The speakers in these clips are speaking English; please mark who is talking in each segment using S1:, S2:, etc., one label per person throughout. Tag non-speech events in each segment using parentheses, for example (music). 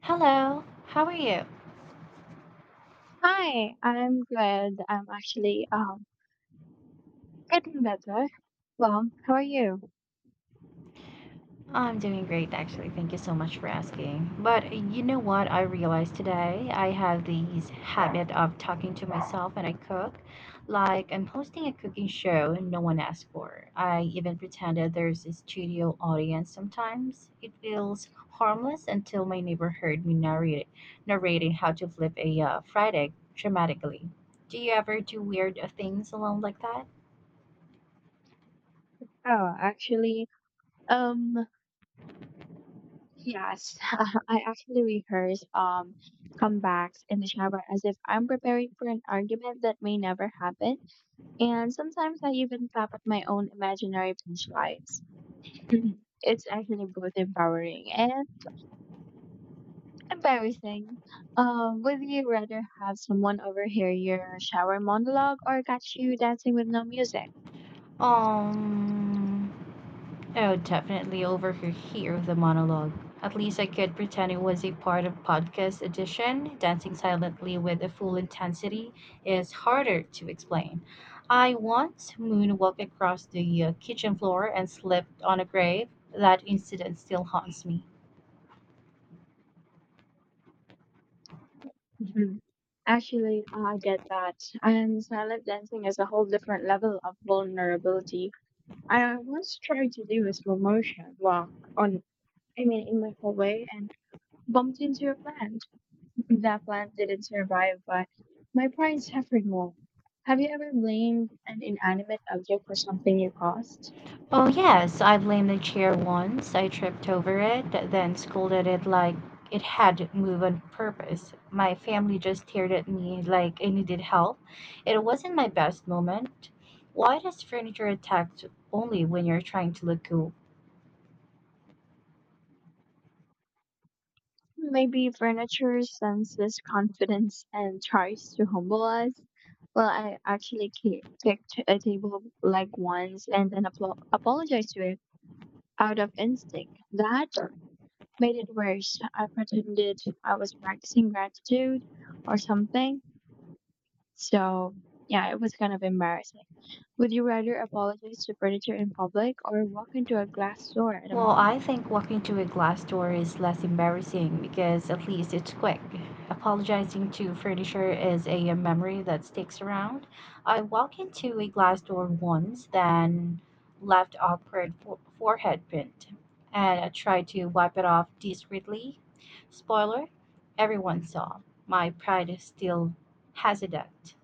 S1: Hello, how are you?
S2: Hi, I'm glad I'm actually getting better. Well, how are you?
S1: I'm doing great, actually. Thank you so much for asking. But you know what I realized today? I have this habit of talking to myself when I cook, like I'm hosting a cooking show no one asked for. I even pretended there's a studio audience sometimes. It feels harmless until my neighbor heard me narrating how to flip a fried egg dramatically. Do you ever do weird things alone like that?
S2: Oh, actually, um, yes, (laughs) I actually rehearse comebacks in the shower as if I'm preparing for an argument that may never happen, and sometimes I even clap at my own imaginary punchlines. (laughs) It's actually both empowering and embarrassing. Would you rather have someone overhear your shower monologue or catch you dancing with no music?
S1: Um. Oh, definitely overhear the monologue. At least I could pretend it was a part of podcast edition. Dancing silently with a full intensity is harder to explain. I once moonwalked across the kitchen floor and slipped on a grave. That incident still haunts me.
S2: Mhm. Actually, I get that. And silent dancing is a whole different level of vulnerability. I once tried to do a slow motion I mean, in my hallway and bumped into a plant. That plant didn't survive, but my pride suffered more. Have you ever blamed an inanimate object for something you caused?
S1: Oh, yes, I blamed the chair once. I tripped over it, then scolded it like it had moved on purpose. My family just stared at me like I needed help. It wasn't my best moment. Why does furniture attack only when you're trying to look cool?
S2: Maybe furniture senses confidence and tries to humble us. Well, I actually kicked a table like once and then apologized to it out of instinct. That made it worse. I pretended I was practicing gratitude or something. So, yeah, it was kind of embarrassing. Would you rather apologize to furniture in public or walk into a glass door at a
S1: Well,
S2: mall?
S1: I think walking through a glass door is less embarrassing because at least it's quick. Apologizing to furniture is a memory that sticks around. I walked into a glass door once, then left awkward forehead print, and I tried to wipe it off discreetly. Spoiler, everyone saw. My pride still has a dent.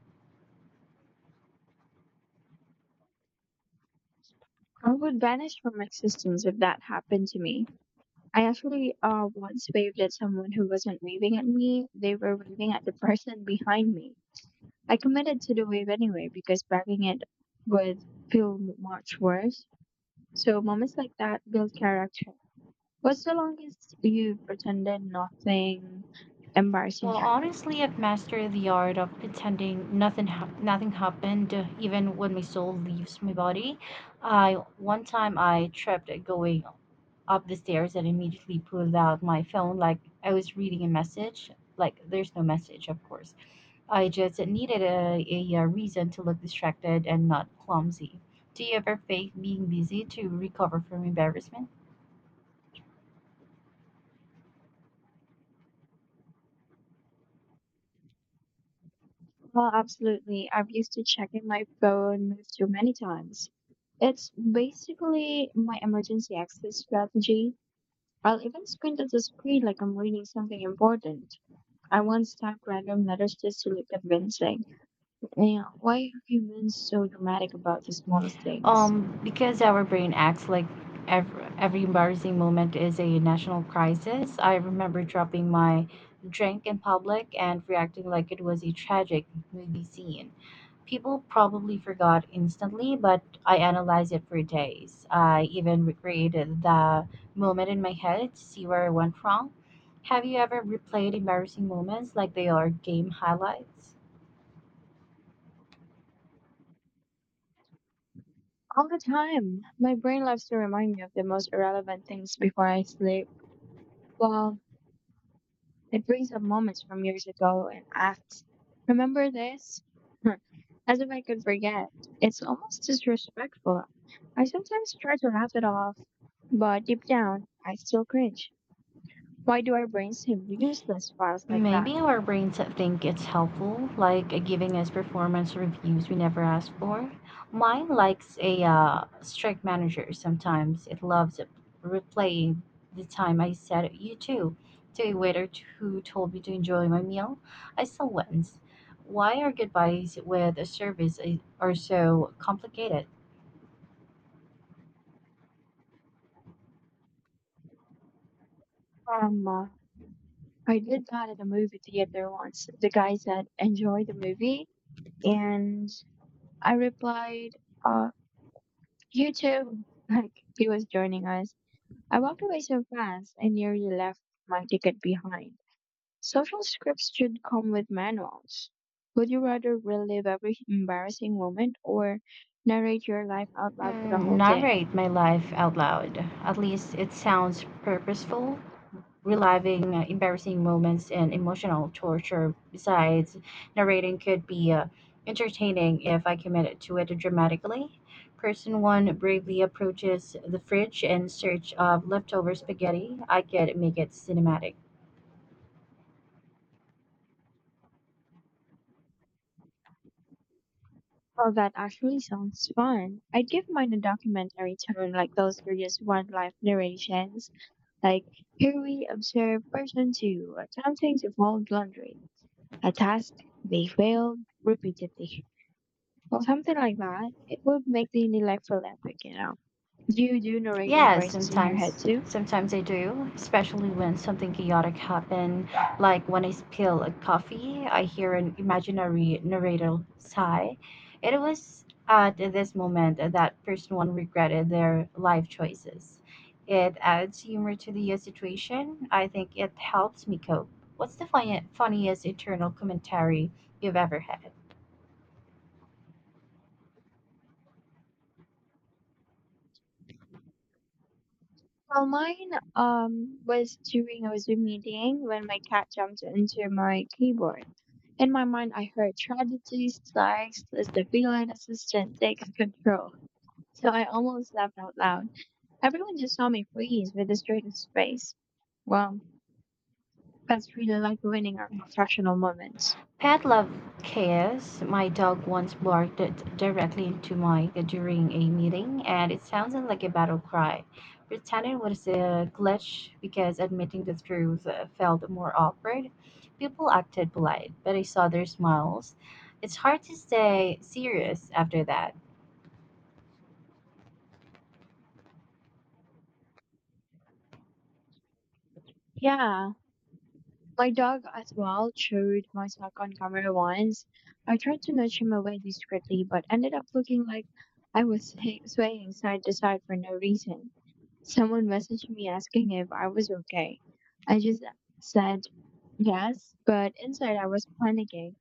S2: I would vanish from existence if that happened to me. I actually once waved at someone who wasn't waving at me. They were waving at the person behind me. I committed to the wave anyway because backing it would feel much worse. So moments like that build character. What's the longest you pretended nothing embarrassing
S1: Well,
S2: happened?
S1: honestly, I've mastered the art of pretending nothing happened, even when my soul leaves my body. I one time I tripped going up the stairs and immediately pulled out my phone like I was reading a message. Like there's no message, of course. I just needed a reason to look distracted and not clumsy. Do you ever fake being busy to recover from embarrassment?
S2: Well, absolutely. I've used to checking my phone too many times. It's basically my emergency exit strategy. I'll even squint at the screen like I'm reading something important. I once typed random letters just to look convincing. Yeah, why are humans so dramatic about the smallest things?
S1: Because our brain acts like every embarrassing moment is a national crisis. I remember dropping my drink in public and reacting like it was a tragic movie scene. People probably forgot instantly, but I analyzed it for days. I even recreated the moment in my head to see where I went wrong. Have you ever replayed embarrassing moments like they are game highlights?
S2: All the time. My brain loves to remind me of the most irrelevant things before I sleep. Well, it brings up moments from years ago and asks, "Remember this?" (laughs) Huh, As if I could forget. It's almost disrespectful. I sometimes try to laugh it off, but deep down, I still cringe. Why do our brains have useless files like that?
S1: Maybe our brains that think it's helpful, like giving us performance reviews we never asked for. Mine likes a strict manager sometimes. It loves replaying the time I said you too to a waiter who told me to enjoy my meal. I still wins. Why are goodbyes with a service are so complicated?
S2: Um, uh, I did that at a movie theater once. The guy said, "Enjoy the movie." And I replied, uh, "You too." (laughs) Like, he was joining us. I walked away so fast, I nearly left my ticket behind. Social scripts should come with manuals. Would you rather relive every embarrassing moment or narrate your life out loud for the
S1: Mm,
S2: whole day?
S1: narrate my life out loud. At least it sounds purposeful reliving embarrassing moments and emotional torture. Besides, narrating could be entertaining if I committed to it dramatically. Person one bravely approaches the fridge in search of leftover spaghetti. I could make it cinematic.
S2: Oh, that actually sounds fun. I'd give mine a documentary tone, like those serious wildlife narrations. Like, here we observe person two attempting to fold laundry, a task they failed repeatedly, or something like that. It would make the neglect feel epic, you know. Do you do narrator
S1: Yeah,
S2: voices in your head
S1: sometimes
S2: too?
S1: sometimes I do, especially when something chaotic happened, like when I spill a coffee, I hear an imaginary narrator sigh. It was at this moment that person one regretted their life choices. It adds humor to the situation. I think it helps me cope. What's the funniest internal commentary you've ever had?
S2: Well, mine was during a Zoom meeting when my cat jumped into my keyboard. In my mind, I heard tragedy strikes as the feline assistant takes (laughs) control. So I almost laughed out loud. Everyone just saw me freeze with a straightest face. Well, that's really like winning our professional moments.
S1: Pet love chaos. My dog once barked it directly into mine during a meeting, and it sounded like a battle cry. Pretending was a glitch because admitting the truth felt more awkward. People acted polite, but I saw their smiles. It's hard to stay serious after that.
S2: Yeah, my dog as well chewed my sock on camera once. I tried to nudge him away discreetly, but ended up looking like I was swaying side to side for no reason. Someone messaged me asking if I was okay. I just said yes, but inside I was panicking.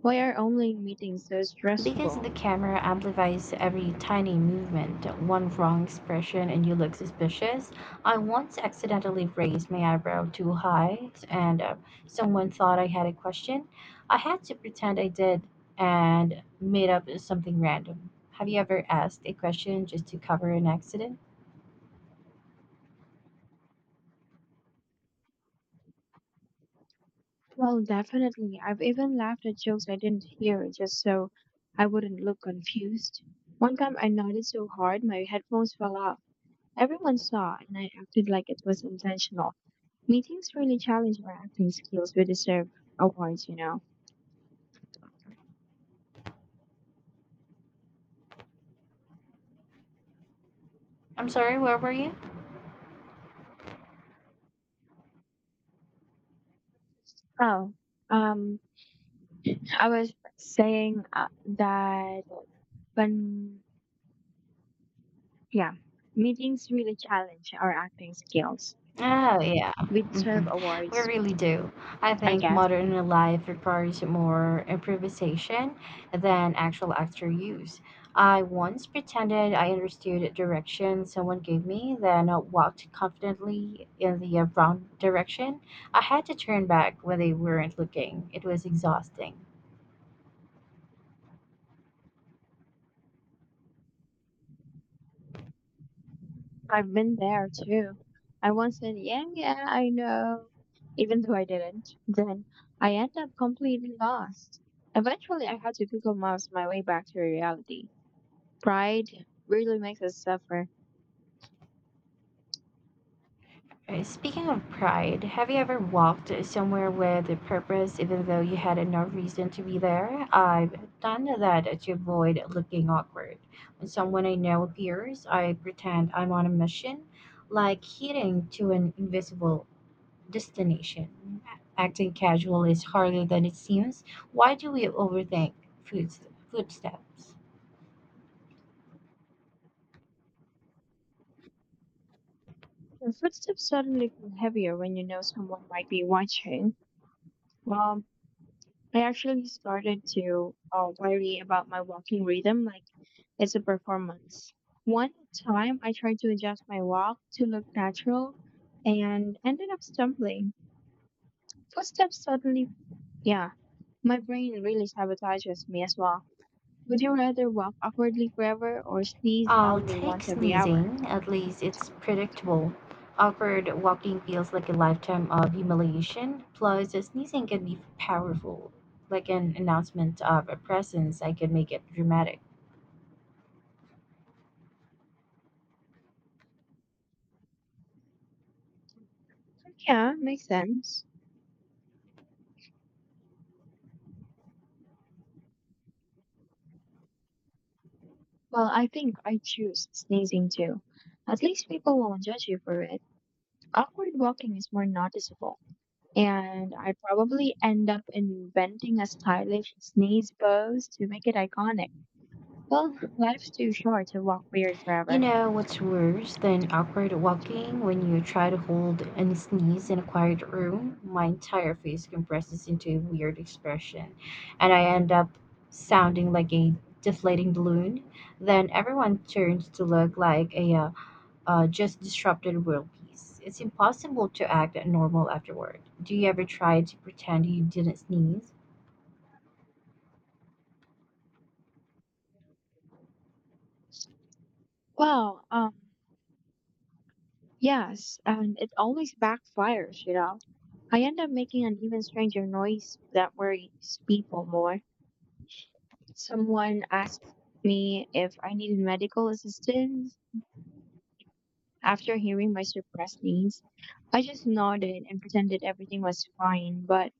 S2: Why are online meetings so
S1: Because the
S2: stressful?
S1: camera amplifies every tiny movement, one wrong expression and you look suspicious. I once accidentally raised my eyebrow too high and someone thought I had a question. I had to pretend I did and made up something random. Have you ever asked a question just to cover an accident?
S2: Well, definitely. I've even laughed at jokes I didn't hear just so I wouldn't look confused. One time I nodded so hard my headphones fell off. Everyone saw, and I acted like it was intentional. Meetings really challenge our acting skills. We deserve awards, you know.
S1: I'm sorry, where were you?
S2: Oh, um, I was saying that when, yeah, meetings really challenge our acting skills.
S1: Oh, yeah.
S2: We deserve
S1: hmm We
S2: awards,
S1: really do. I
S2: I
S1: think
S2: guess.
S1: modern life requires more improvisation than actual actor use. I once pretended I understood a direction someone gave me, then I walked confidently in the wrong direction. I had to turn back when they weren't looking. It was exhausting.
S2: I've been there too. I once said, yeah, yeah, I know, even though I didn't. Then I end up completely lost. Eventually, I had to Google Maps my way back to reality. Pride really makes us suffer.
S1: Speaking of pride, have you ever walked somewhere with a purpose even though you had no reason to be there? I've done that to avoid looking awkward. When someone I know appears, I pretend I'm on a mission, like heading to an invisible destination. Acting casual is harder than it seems. Why do we overthink footsteps?
S2: Your footsteps suddenly feel heavier when you know someone might be watching. Well, I actually started to worry about my walking rhythm like it's a performance. One time, I tried to adjust my walk to look natural and ended up stumbling. Footsteps suddenly, yeah, my brain really sabotages me as well. Would you rather walk awkwardly forever or sneeze
S1: I'll
S2: loudly
S1: take
S2: once every hour?
S1: sneezing, at least it's predictable. Awkward walking feels like a lifetime of humiliation. Plus, sneezing can be powerful, like an announcement of a presence. I could make it dramatic.
S2: Yeah, makes sense. Well, I think I choose sneezing too. At least people won't judge you for it. Awkward walking is more noticeable. And I'd probably end up inventing a stylish sneeze pose to make it iconic. Well, (laughs) life's too short to walk weird
S1: You
S2: forever.
S1: know what's worse than awkward walking when you try to hold and sneeze in a quiet room? My entire face compresses into a weird expression, and I end up sounding like a deflating balloon. Then everyone turns to look like a just disrupted world peace. It's impossible to act normal afterward. Do you ever try to pretend you didn't sneeze?
S2: Well, yes, and it always backfires, you know. I end up making an even stranger noise that worries people more. Someone asked me if I needed medical assistance after hearing my suppressed needs. I just nodded and pretended everything was fine, but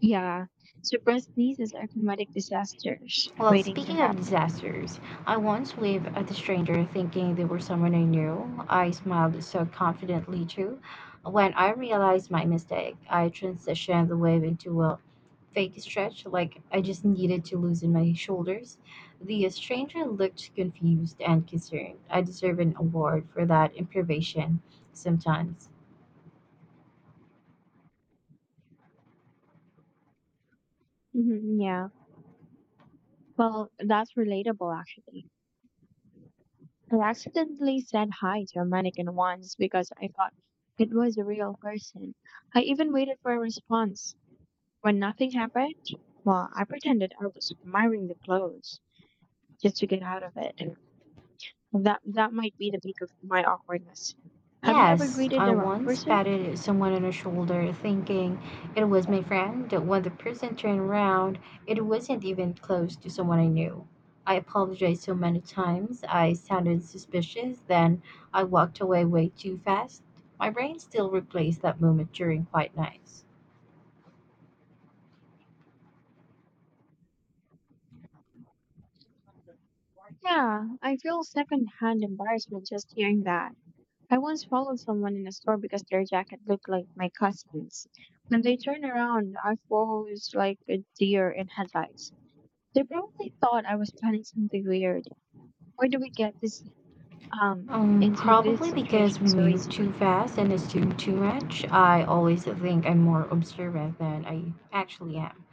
S2: yeah, suppressed nieces are comedic disasters
S1: Well,
S2: waiting to
S1: speaking of
S2: happen.
S1: disasters, I once waved at a stranger thinking they were someone I knew. I smiled so confidently too. When I realized my mistake, I transitioned the wave into a fake stretch, like I just needed to loosen my shoulders. The stranger looked confused and concerned. I deserve an award for that improvisation sometimes.
S2: Hmm, yeah, well, that's relatable actually. I accidentally said hi to a mannequin once because I thought it was a real person. I even waited for a response. When nothing happened, well, I pretended I was admiring the clothes just to get out of it. That might be the peak of my awkwardness. Have you ever
S1: Yes,
S2: greeted
S1: I
S2: the wrong
S1: once
S2: person?
S1: patted someone on the shoulder thinking it was my friend. When the person turned around, it wasn't even close to someone I knew. I apologized so many times. I sounded suspicious. Then I walked away way too fast. My brain still replays that moment during quiet nights.
S2: Yeah, I feel secondhand embarrassment just hearing that. I once followed someone in a store because their jacket looked like my cousin's. When they turned around, I froze like a deer in headlights. They probably thought I was planning something weird. Why do we get this um into this
S1: Probably because
S2: situation
S1: we
S2: so
S1: move
S2: easily?
S1: too fast and assume too much. I always think I'm more observant than I actually am.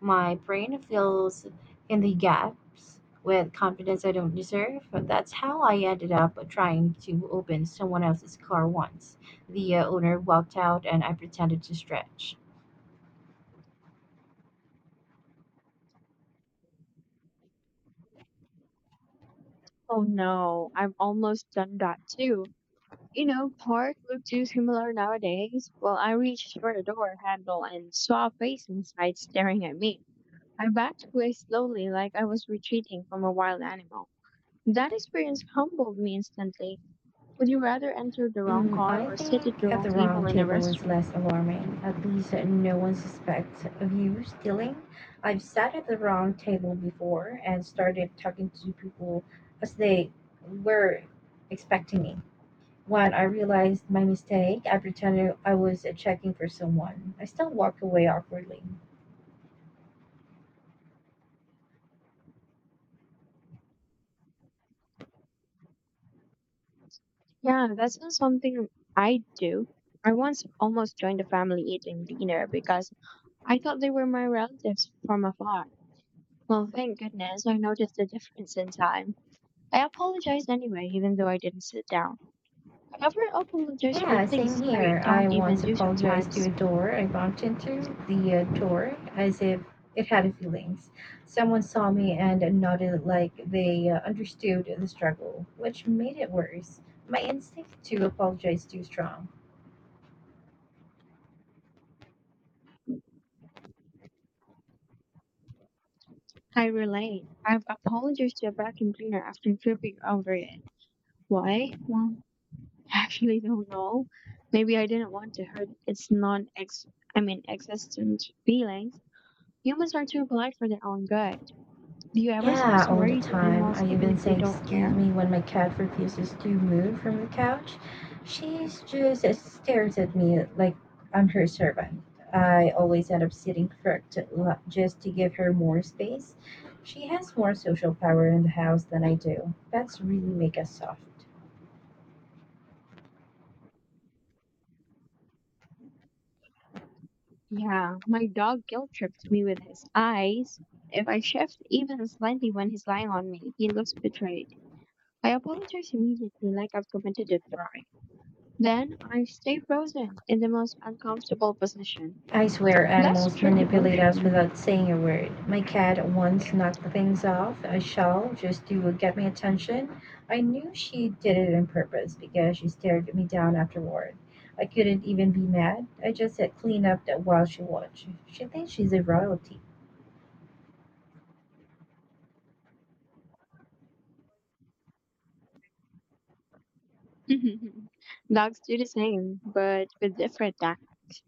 S1: My brain fills in the gaps with confidence I don't deserve. That's how I ended up trying to open someone else's car once. The owner walked out and I pretended to stretch.
S2: Oh no, I've almost done that too. You know, park look too similar nowadays. Well, I reached for the door handle and saw a face inside staring at me. I backed away slowly like I was retreating from a wild animal. That experience humbled me instantly. Would you rather enter the wrong
S1: Mm,
S2: car
S1: I
S2: or sit at the
S1: think at
S2: wrong
S1: the
S2: table
S1: wrong
S2: in a
S1: table is
S2: restaurant?
S1: less alarming. At least no one suspects of you stealing. I've sat at the wrong table before and started talking to people as they were expecting me. When I realized my mistake, I pretended I was checking for someone. I still walked away awkwardly.
S2: Yeah, that's not something I do. I once almost joined a family eating dinner because I thought they were my relatives from afar. Well, thank goodness I noticed the difference in time. I apologized anyway, even though I didn't sit down. I ever apologize for
S1: Yeah,
S2: things
S1: same
S2: I
S1: here. I
S2: don't even
S1: once
S2: do
S1: apologized to a
S2: sometimes.
S1: door I bumped into, the door, as if it had feelings. Someone saw me and nodded like they understood the struggle, which made it worse. My instinct to apologize too strong.
S2: I relate. I've apologized to a vacuum cleaner after tripping over it. Why? Well, I actually don't know. Maybe I didn't want to hurt its non ex I mean existent feelings. Humans are too polite for their own good. Do you ever say
S1: Yeah, all the
S2: sorry to
S1: time.
S2: animals
S1: I
S2: even
S1: even
S2: if they
S1: say,
S2: don't
S1: excuse
S2: care?
S1: me when my cat refuses to move from the couch. She just stares at me like I'm her servant. I always end up sitting just to give her more space. She has more social power in the house than I do. Pets really make us soft.
S2: Yeah, my dog guilt tripped me with his eyes. If I shift even slightly when he's lying on me, he looks betrayed. I apologize immediately like I've committed a crime. Then I stay frozen in the most uncomfortable position.
S1: I swear
S2: That's
S1: animals
S2: true
S1: manipulate
S2: devotion,
S1: us
S2: you
S1: without saying a word. My
S2: know.
S1: cat once knocked things off a shelf just to get my attention. I knew she did it on purpose because she stared me down afterward. I couldn't even be mad. I just said clean up that while she watched. She thinks she's a royalty.
S2: (laughs) Mhm. Dogs do the same, but with different tactics.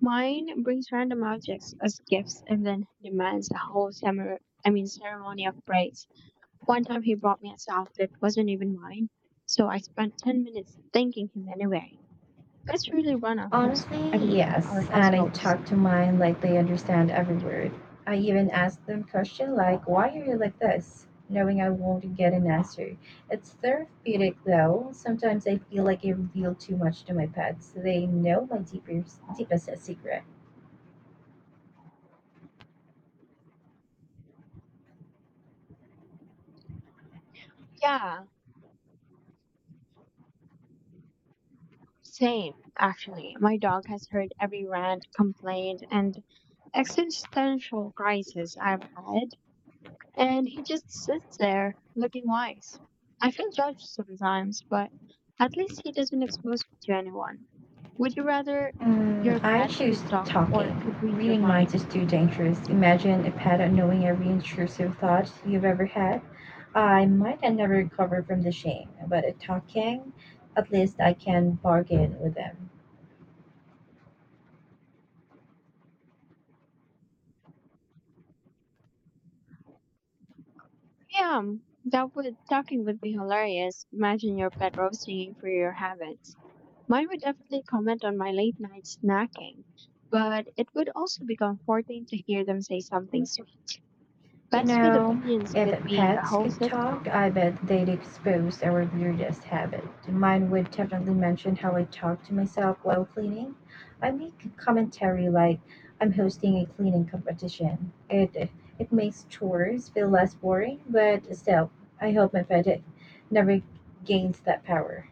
S2: Mine brings random objects as gifts and then demands a whole I mean, ceremony of praise. One time he brought me a sock that wasn't even mine, so I spent 10 minutes thanking him anyway. That's really run I
S1: Honestly,
S2: mean, our
S1: yes. And I
S2: households.
S1: talk to mine like they understand every word. I even ask them questions like, why are you like this? Knowing I won't get an answer. It's therapeutic though. Sometimes I feel like I reveal too much to my pets. They know my deepest secret.
S2: Yeah, same, actually. My dog has heard every rant, complaint, and existential crisis I've had. And he just sits there looking wise. I feel judged sometimes, but at least he doesn't expose me to anyone. Would you rather your
S1: Mm, I
S2: pet
S1: choose
S2: could talk or
S1: talking.
S2: could read your
S1: Reading minds
S2: mind?
S1: is too dangerous. Imagine a pattern knowing every intrusive thought you've ever had. I might never recover from the shame, but at talking, at least I can bargain with them.
S2: Yeah, that would talking would be hilarious. Imagine your pet roasting for your habits. Mine would definitely comment on my late night snacking, but it would also be comforting to hear them say something sweet.
S1: You
S2: Pets with
S1: know,
S2: opinions
S1: if
S2: could be a
S1: pets
S2: whole
S1: could talk,
S2: sitcom.
S1: I bet they'd expose our weirdest habit. Mine would definitely mention how I talk to myself while cleaning. I make a commentary like I'm hosting a cleaning competition. It makes chores feel less boring, but still, I hope my pet never gains that power.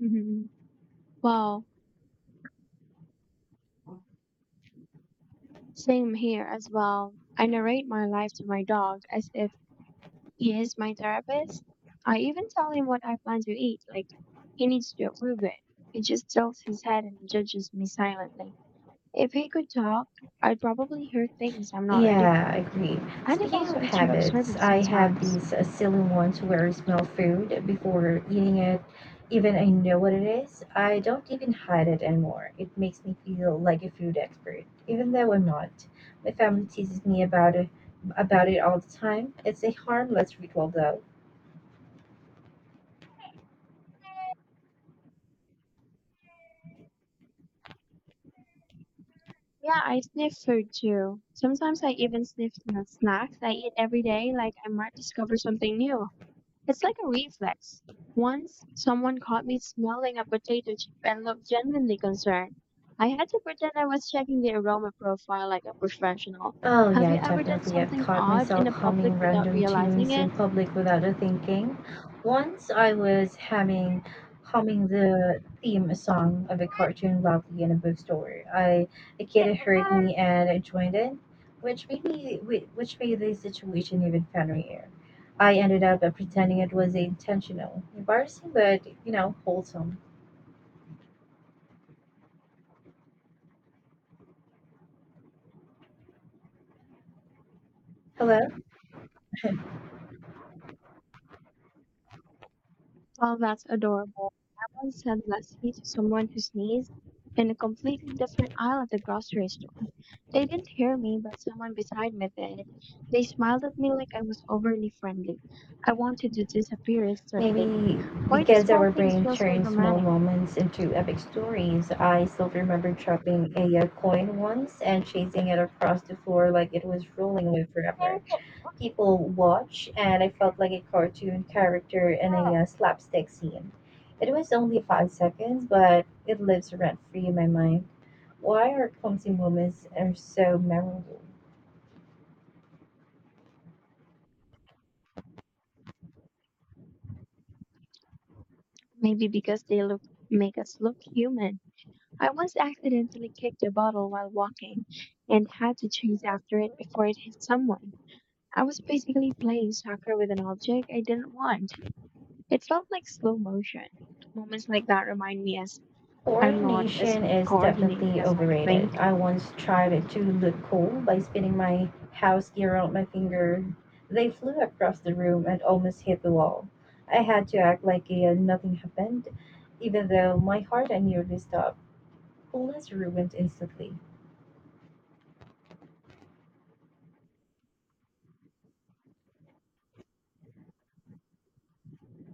S2: (laughs) Wow. Same here as well. I narrate my life to my dog as if he is my therapist. I even tell him what I plan to eat, like he needs to approve it. He just tilts his head and judges me silently. If he could talk, I'd probably hear things I'm not ready for.
S1: Yeah, agreed. Speaking
S2: Animals
S1: of
S2: are too
S1: habits,
S2: observant
S1: I have
S2: sometimes.
S1: these silly ones where I smell food before eating it. Even I know what it is, I don't even hide it anymore. It makes me feel like a food expert, even though I'm not. My family teases me about it all the time. It's a harmless ritual, though.
S2: Yeah, I sniff food too. Sometimes I even sniff the snacks I eat every day, like I might discover something new. It's like a reflex. Once someone caught me smelling a potato chip and looked genuinely concerned. I had to pretend I was checking the aroma profile like a professional.
S1: Oh
S2: Have
S1: yeah,
S2: you ever done
S1: definitely. I've
S2: something
S1: caught
S2: odd
S1: myself
S2: in a public
S1: humming
S2: without
S1: random
S2: realizing
S1: tunes in
S2: it?
S1: public without a thinking. Once I was humming the theme song of a cartoon loudly in a bookstore. I A kid
S2: (laughs)
S1: heard
S2: Um,
S1: me and I joined in, which made which made the situation even funnier. I ended up pretending it was intentional, embarrassing, but you know, wholesome. Hello.
S2: Well, that's adorable. I once said Lassie to someone who sneezed in a completely different aisle at the grocery store. They didn't hear me, but someone beside me did. They smiled at me like I was overly friendly. I wanted to disappear instantly.
S1: Maybe
S2: Why do
S1: because
S2: small
S1: our
S2: things
S1: brain
S2: feel so
S1: turns small
S2: dramatic?
S1: moments into epic stories. I still remember dropping a coin once and chasing it across the floor like it was rolling away forever. People watch, and I felt like a cartoon character in a slapstick scene. It was only 5 seconds, but it lives rent free in my mind. Why are clumsy moments are so memorable?
S2: Maybe because they look make us look human. I once accidentally kicked a bottle while walking and had to chase after it before it hit someone. I was basically playing soccer with an object I didn't want. It felt like slow motion. Moments like that remind me as I'm not as
S1: Coordination is
S2: coordinated
S1: definitely
S2: as I think.
S1: overrated. I once tried it to look cool by spinning my house gear around my finger. They flew across the room and almost hit the wall. I had to act like nothing happened, even though my heart had nearly stopped. Bliss ruined instantly.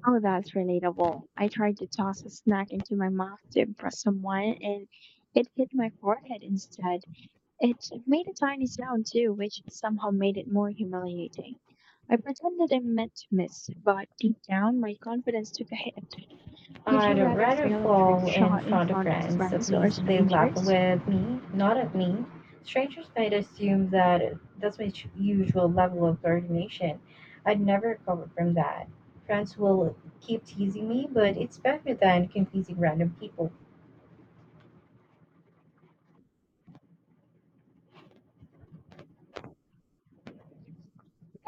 S2: Oh, that's relatable. I tried to toss a snack into my mouth to impress someone and it hit my forehead instead. It made a tiny sound too, which somehow made it more humiliating. I pretended I meant to miss, but deep down my confidence took a hit. Would you
S1: I'd
S2: rather
S1: rather
S2: fail a trick
S1: fall in
S2: shot in
S1: front of
S2: front of
S1: friends. At
S2: friends or
S1: least they laugh
S2: strangers?
S1: with me, not at me. Strangers might assume that that's my usual level of coordination. I'd never recover from that. Friends will keep teasing me, but it's better than confusing random people.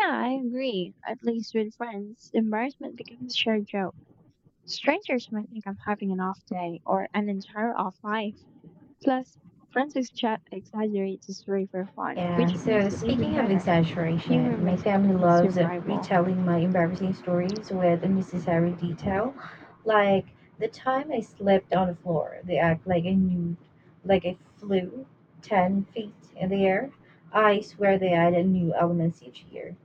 S2: Yeah, I agree. At least with friends, embarrassment becomes a shared joke. Strangers might think I'm having an off day or an entire off life. Plus, friends exaggerate the story for fun,
S1: Yeah,
S2: which
S1: so
S2: makes it even
S1: speaking of
S2: better. Humor
S1: exaggeration, my
S2: makes
S1: family
S2: everything
S1: loves
S2: survivable.
S1: retelling my embarrassing stories with unnecessary detail. Like the time I slipped on the floor, they act like I knew, like I flew 10 feet in the air. I swear they added new elements each year.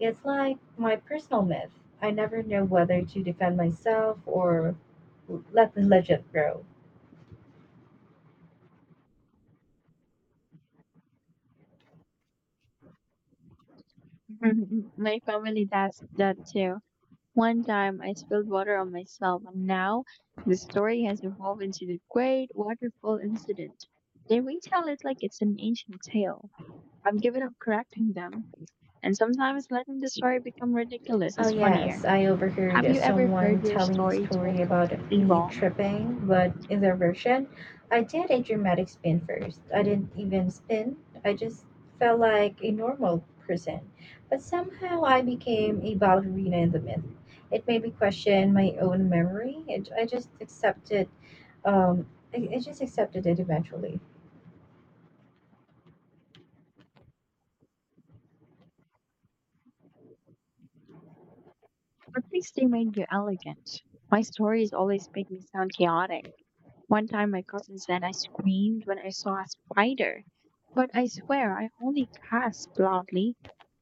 S1: It's like my personal myth. I never know whether to defend myself or let the legend grow.
S2: (laughs) My family does that too. One time I spilled water on myself, and now the story has evolved into the great waterfall incident. They retell it like it's an ancient tale. I've given up correcting them, and sometimes letting the story become ridiculous
S1: Oh,
S2: is funnier.
S1: yes, I
S2: Have
S1: overheard
S2: you ever heard
S1: someone
S2: your
S1: telling a
S2: story told
S1: story about
S2: completely
S1: me
S2: wrong?
S1: tripping, but in their version, I did a dramatic spin first. I didn't even spin, I just felt like a normal person. But somehow I became a ballerina in the myth. It made me question my own memory. I just accepted, um, I, I just accepted it eventually.
S2: Or at least they made you elegant. My stories always make me sound chaotic. One time my cousin said I screamed when I saw a spider, but I swear I only gasped loudly.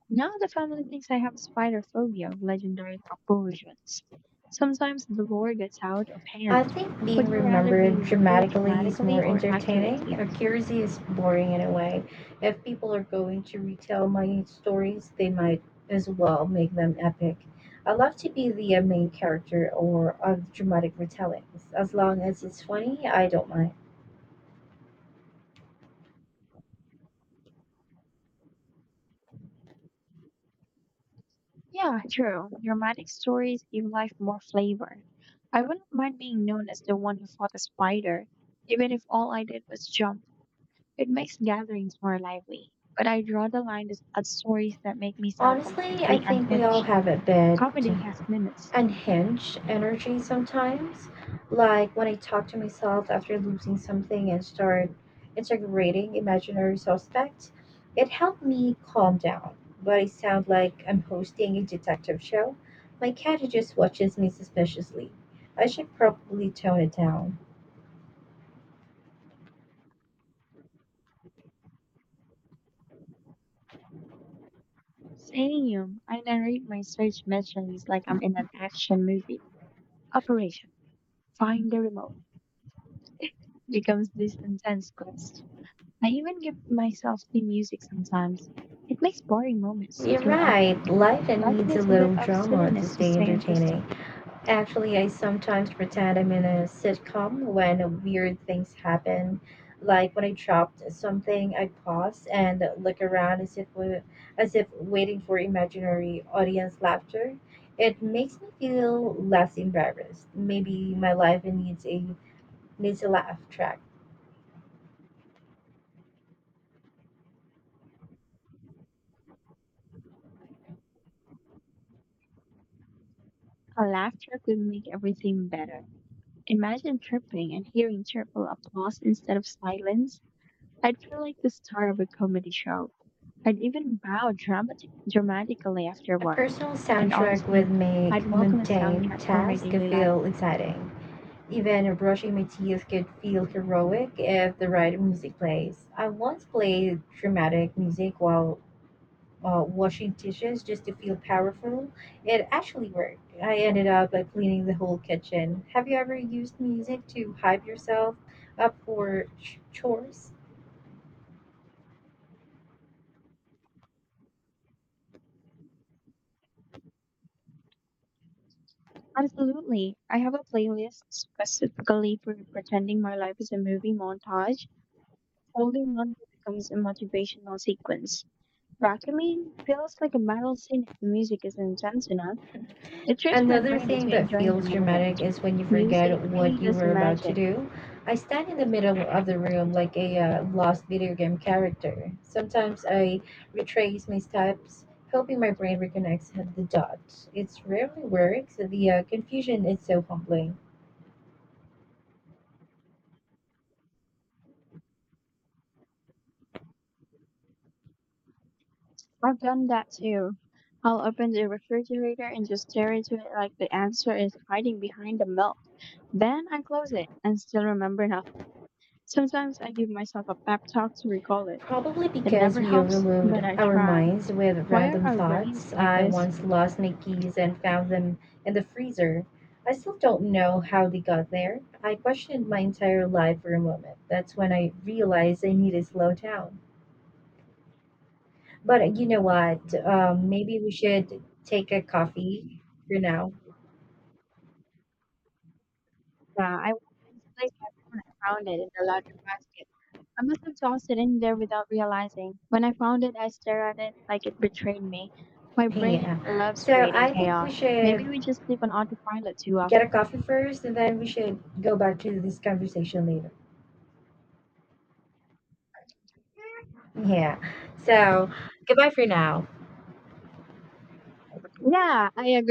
S2: Now the family thinks I have spider phobia of legendary proportions. Sometimes the lore gets out of
S1: I
S2: hand.
S1: think
S2: Would
S1: being
S2: you rather be
S1: remembered
S2: remembered
S1: dramatically is
S2: dramatically
S1: more
S2: or
S1: entertaining.
S2: accurately?
S1: Accuracy is boring in a way. If people are going to retell my stories, they might as well make them epic. I love to be the main character or of dramatic retellings. As long as it's funny, I don't mind.
S2: Yeah, true. Dramatic stories give life more flavor. I wouldn't mind being known as the one who fought a spider, even if all I did was jump. It makes gatherings more lively. But I draw the line at stories that make me sound
S1: Honestly, I
S2: completely
S1: think we all
S2: unhinged.
S1: have it bad.
S2: Comedy has limits.
S1: Unhinged energy sometimes. Like when I talk to myself after losing something and start integrating imaginary suspects, it helped me calm down. But I sound like I'm hosting a detective show. My cat just watches me suspiciously. I should probably tone it down.
S2: Saying you, I narrate my search missions like I'm in an action movie. Operation Find the Remote (laughs) becomes this intense quest. I even give myself the music sometimes. It makes boring moments
S1: You're
S2: feel epic.
S1: right, life
S2: Life
S1: needs a
S2: needs a bit
S1: little
S2: of
S1: drama to
S2: silliness to
S1: stay
S2: stay
S1: entertaining.
S2: interesting.
S1: Actually, I sometimes pretend I'm in a sitcom when weird things happen. Like when I dropped something, I pause and look around as if waiting for imaginary audience laughter. It makes me feel less embarrassed. Maybe my life needs a laugh track.
S2: A laugh track will make everything better. Imagine tripping and hearing cheerful applause instead of silence. I'd feel like the star of a comedy show. I'd even bow dramatically
S1: A
S2: afterward.
S1: personal
S2: And
S1: soundtrack
S2: honestly,
S1: would
S2: I'd
S1: make
S2: welcome a
S1: mundane
S2: soundtrack for my
S1: tasks
S2: daily life.
S1: feel exciting. Even brushing my teeth could feel heroic if the right music plays. I once played dramatic music while washing dishes just to feel powerful. It actually worked. I ended up cleaning the whole kitchen. Have you ever used music to hype yourself up for chores?
S2: Absolutely. I have a playlist specifically for pretending my life is a movie montage. Holding on becomes a motivational sequence. Vacuuming feels like a battle scene if the music is intense enough. It tricks my
S1: Another
S2: brain
S1: thing
S2: into
S1: that
S2: enjoying the
S1: feels
S2: moment.
S1: dramatic is when you forget
S2: Music really
S1: what you
S2: does the
S1: were about to
S2: magic.
S1: do. I stand in the middle of the room like a lost video game character. Sometimes I retrace my steps, hoping my brain reconnects the dots. It rarely works. The confusion is so humbling.
S2: I've done that too. I'll open the refrigerator and just stare into it like the answer is hiding behind the milk. Then I close it and still remember nothing. Sometimes I give myself a pep talk to recall it.
S1: Probably
S2: It
S1: because
S2: never
S1: we
S2: helps,
S1: overload
S2: but I
S1: our
S2: try.
S1: minds with
S2: Why are
S1: random
S2: our brains
S1: thoughts.
S2: like
S1: I
S2: this?
S1: once lost my keys and found them in the freezer. I still don't know how they got there. I questioned my entire life for a moment. That's when I realized I need to slow down. But you know what? Maybe we should take a coffee for now.
S2: Yeah, I want to place my phone and found it in the laundry basket. I must have tossed it in there without realizing. When I found it, I stared at it like it betrayed me. My
S1: Yeah.
S2: brain loves
S1: So
S2: creating
S1: I think we
S2: chaos.
S1: should
S2: Maybe we just live on autopilot too
S1: get
S2: often.
S1: a coffee first and then we should go back to this conversation later. Yeah. So goodbye for now.
S2: Yeah, I agree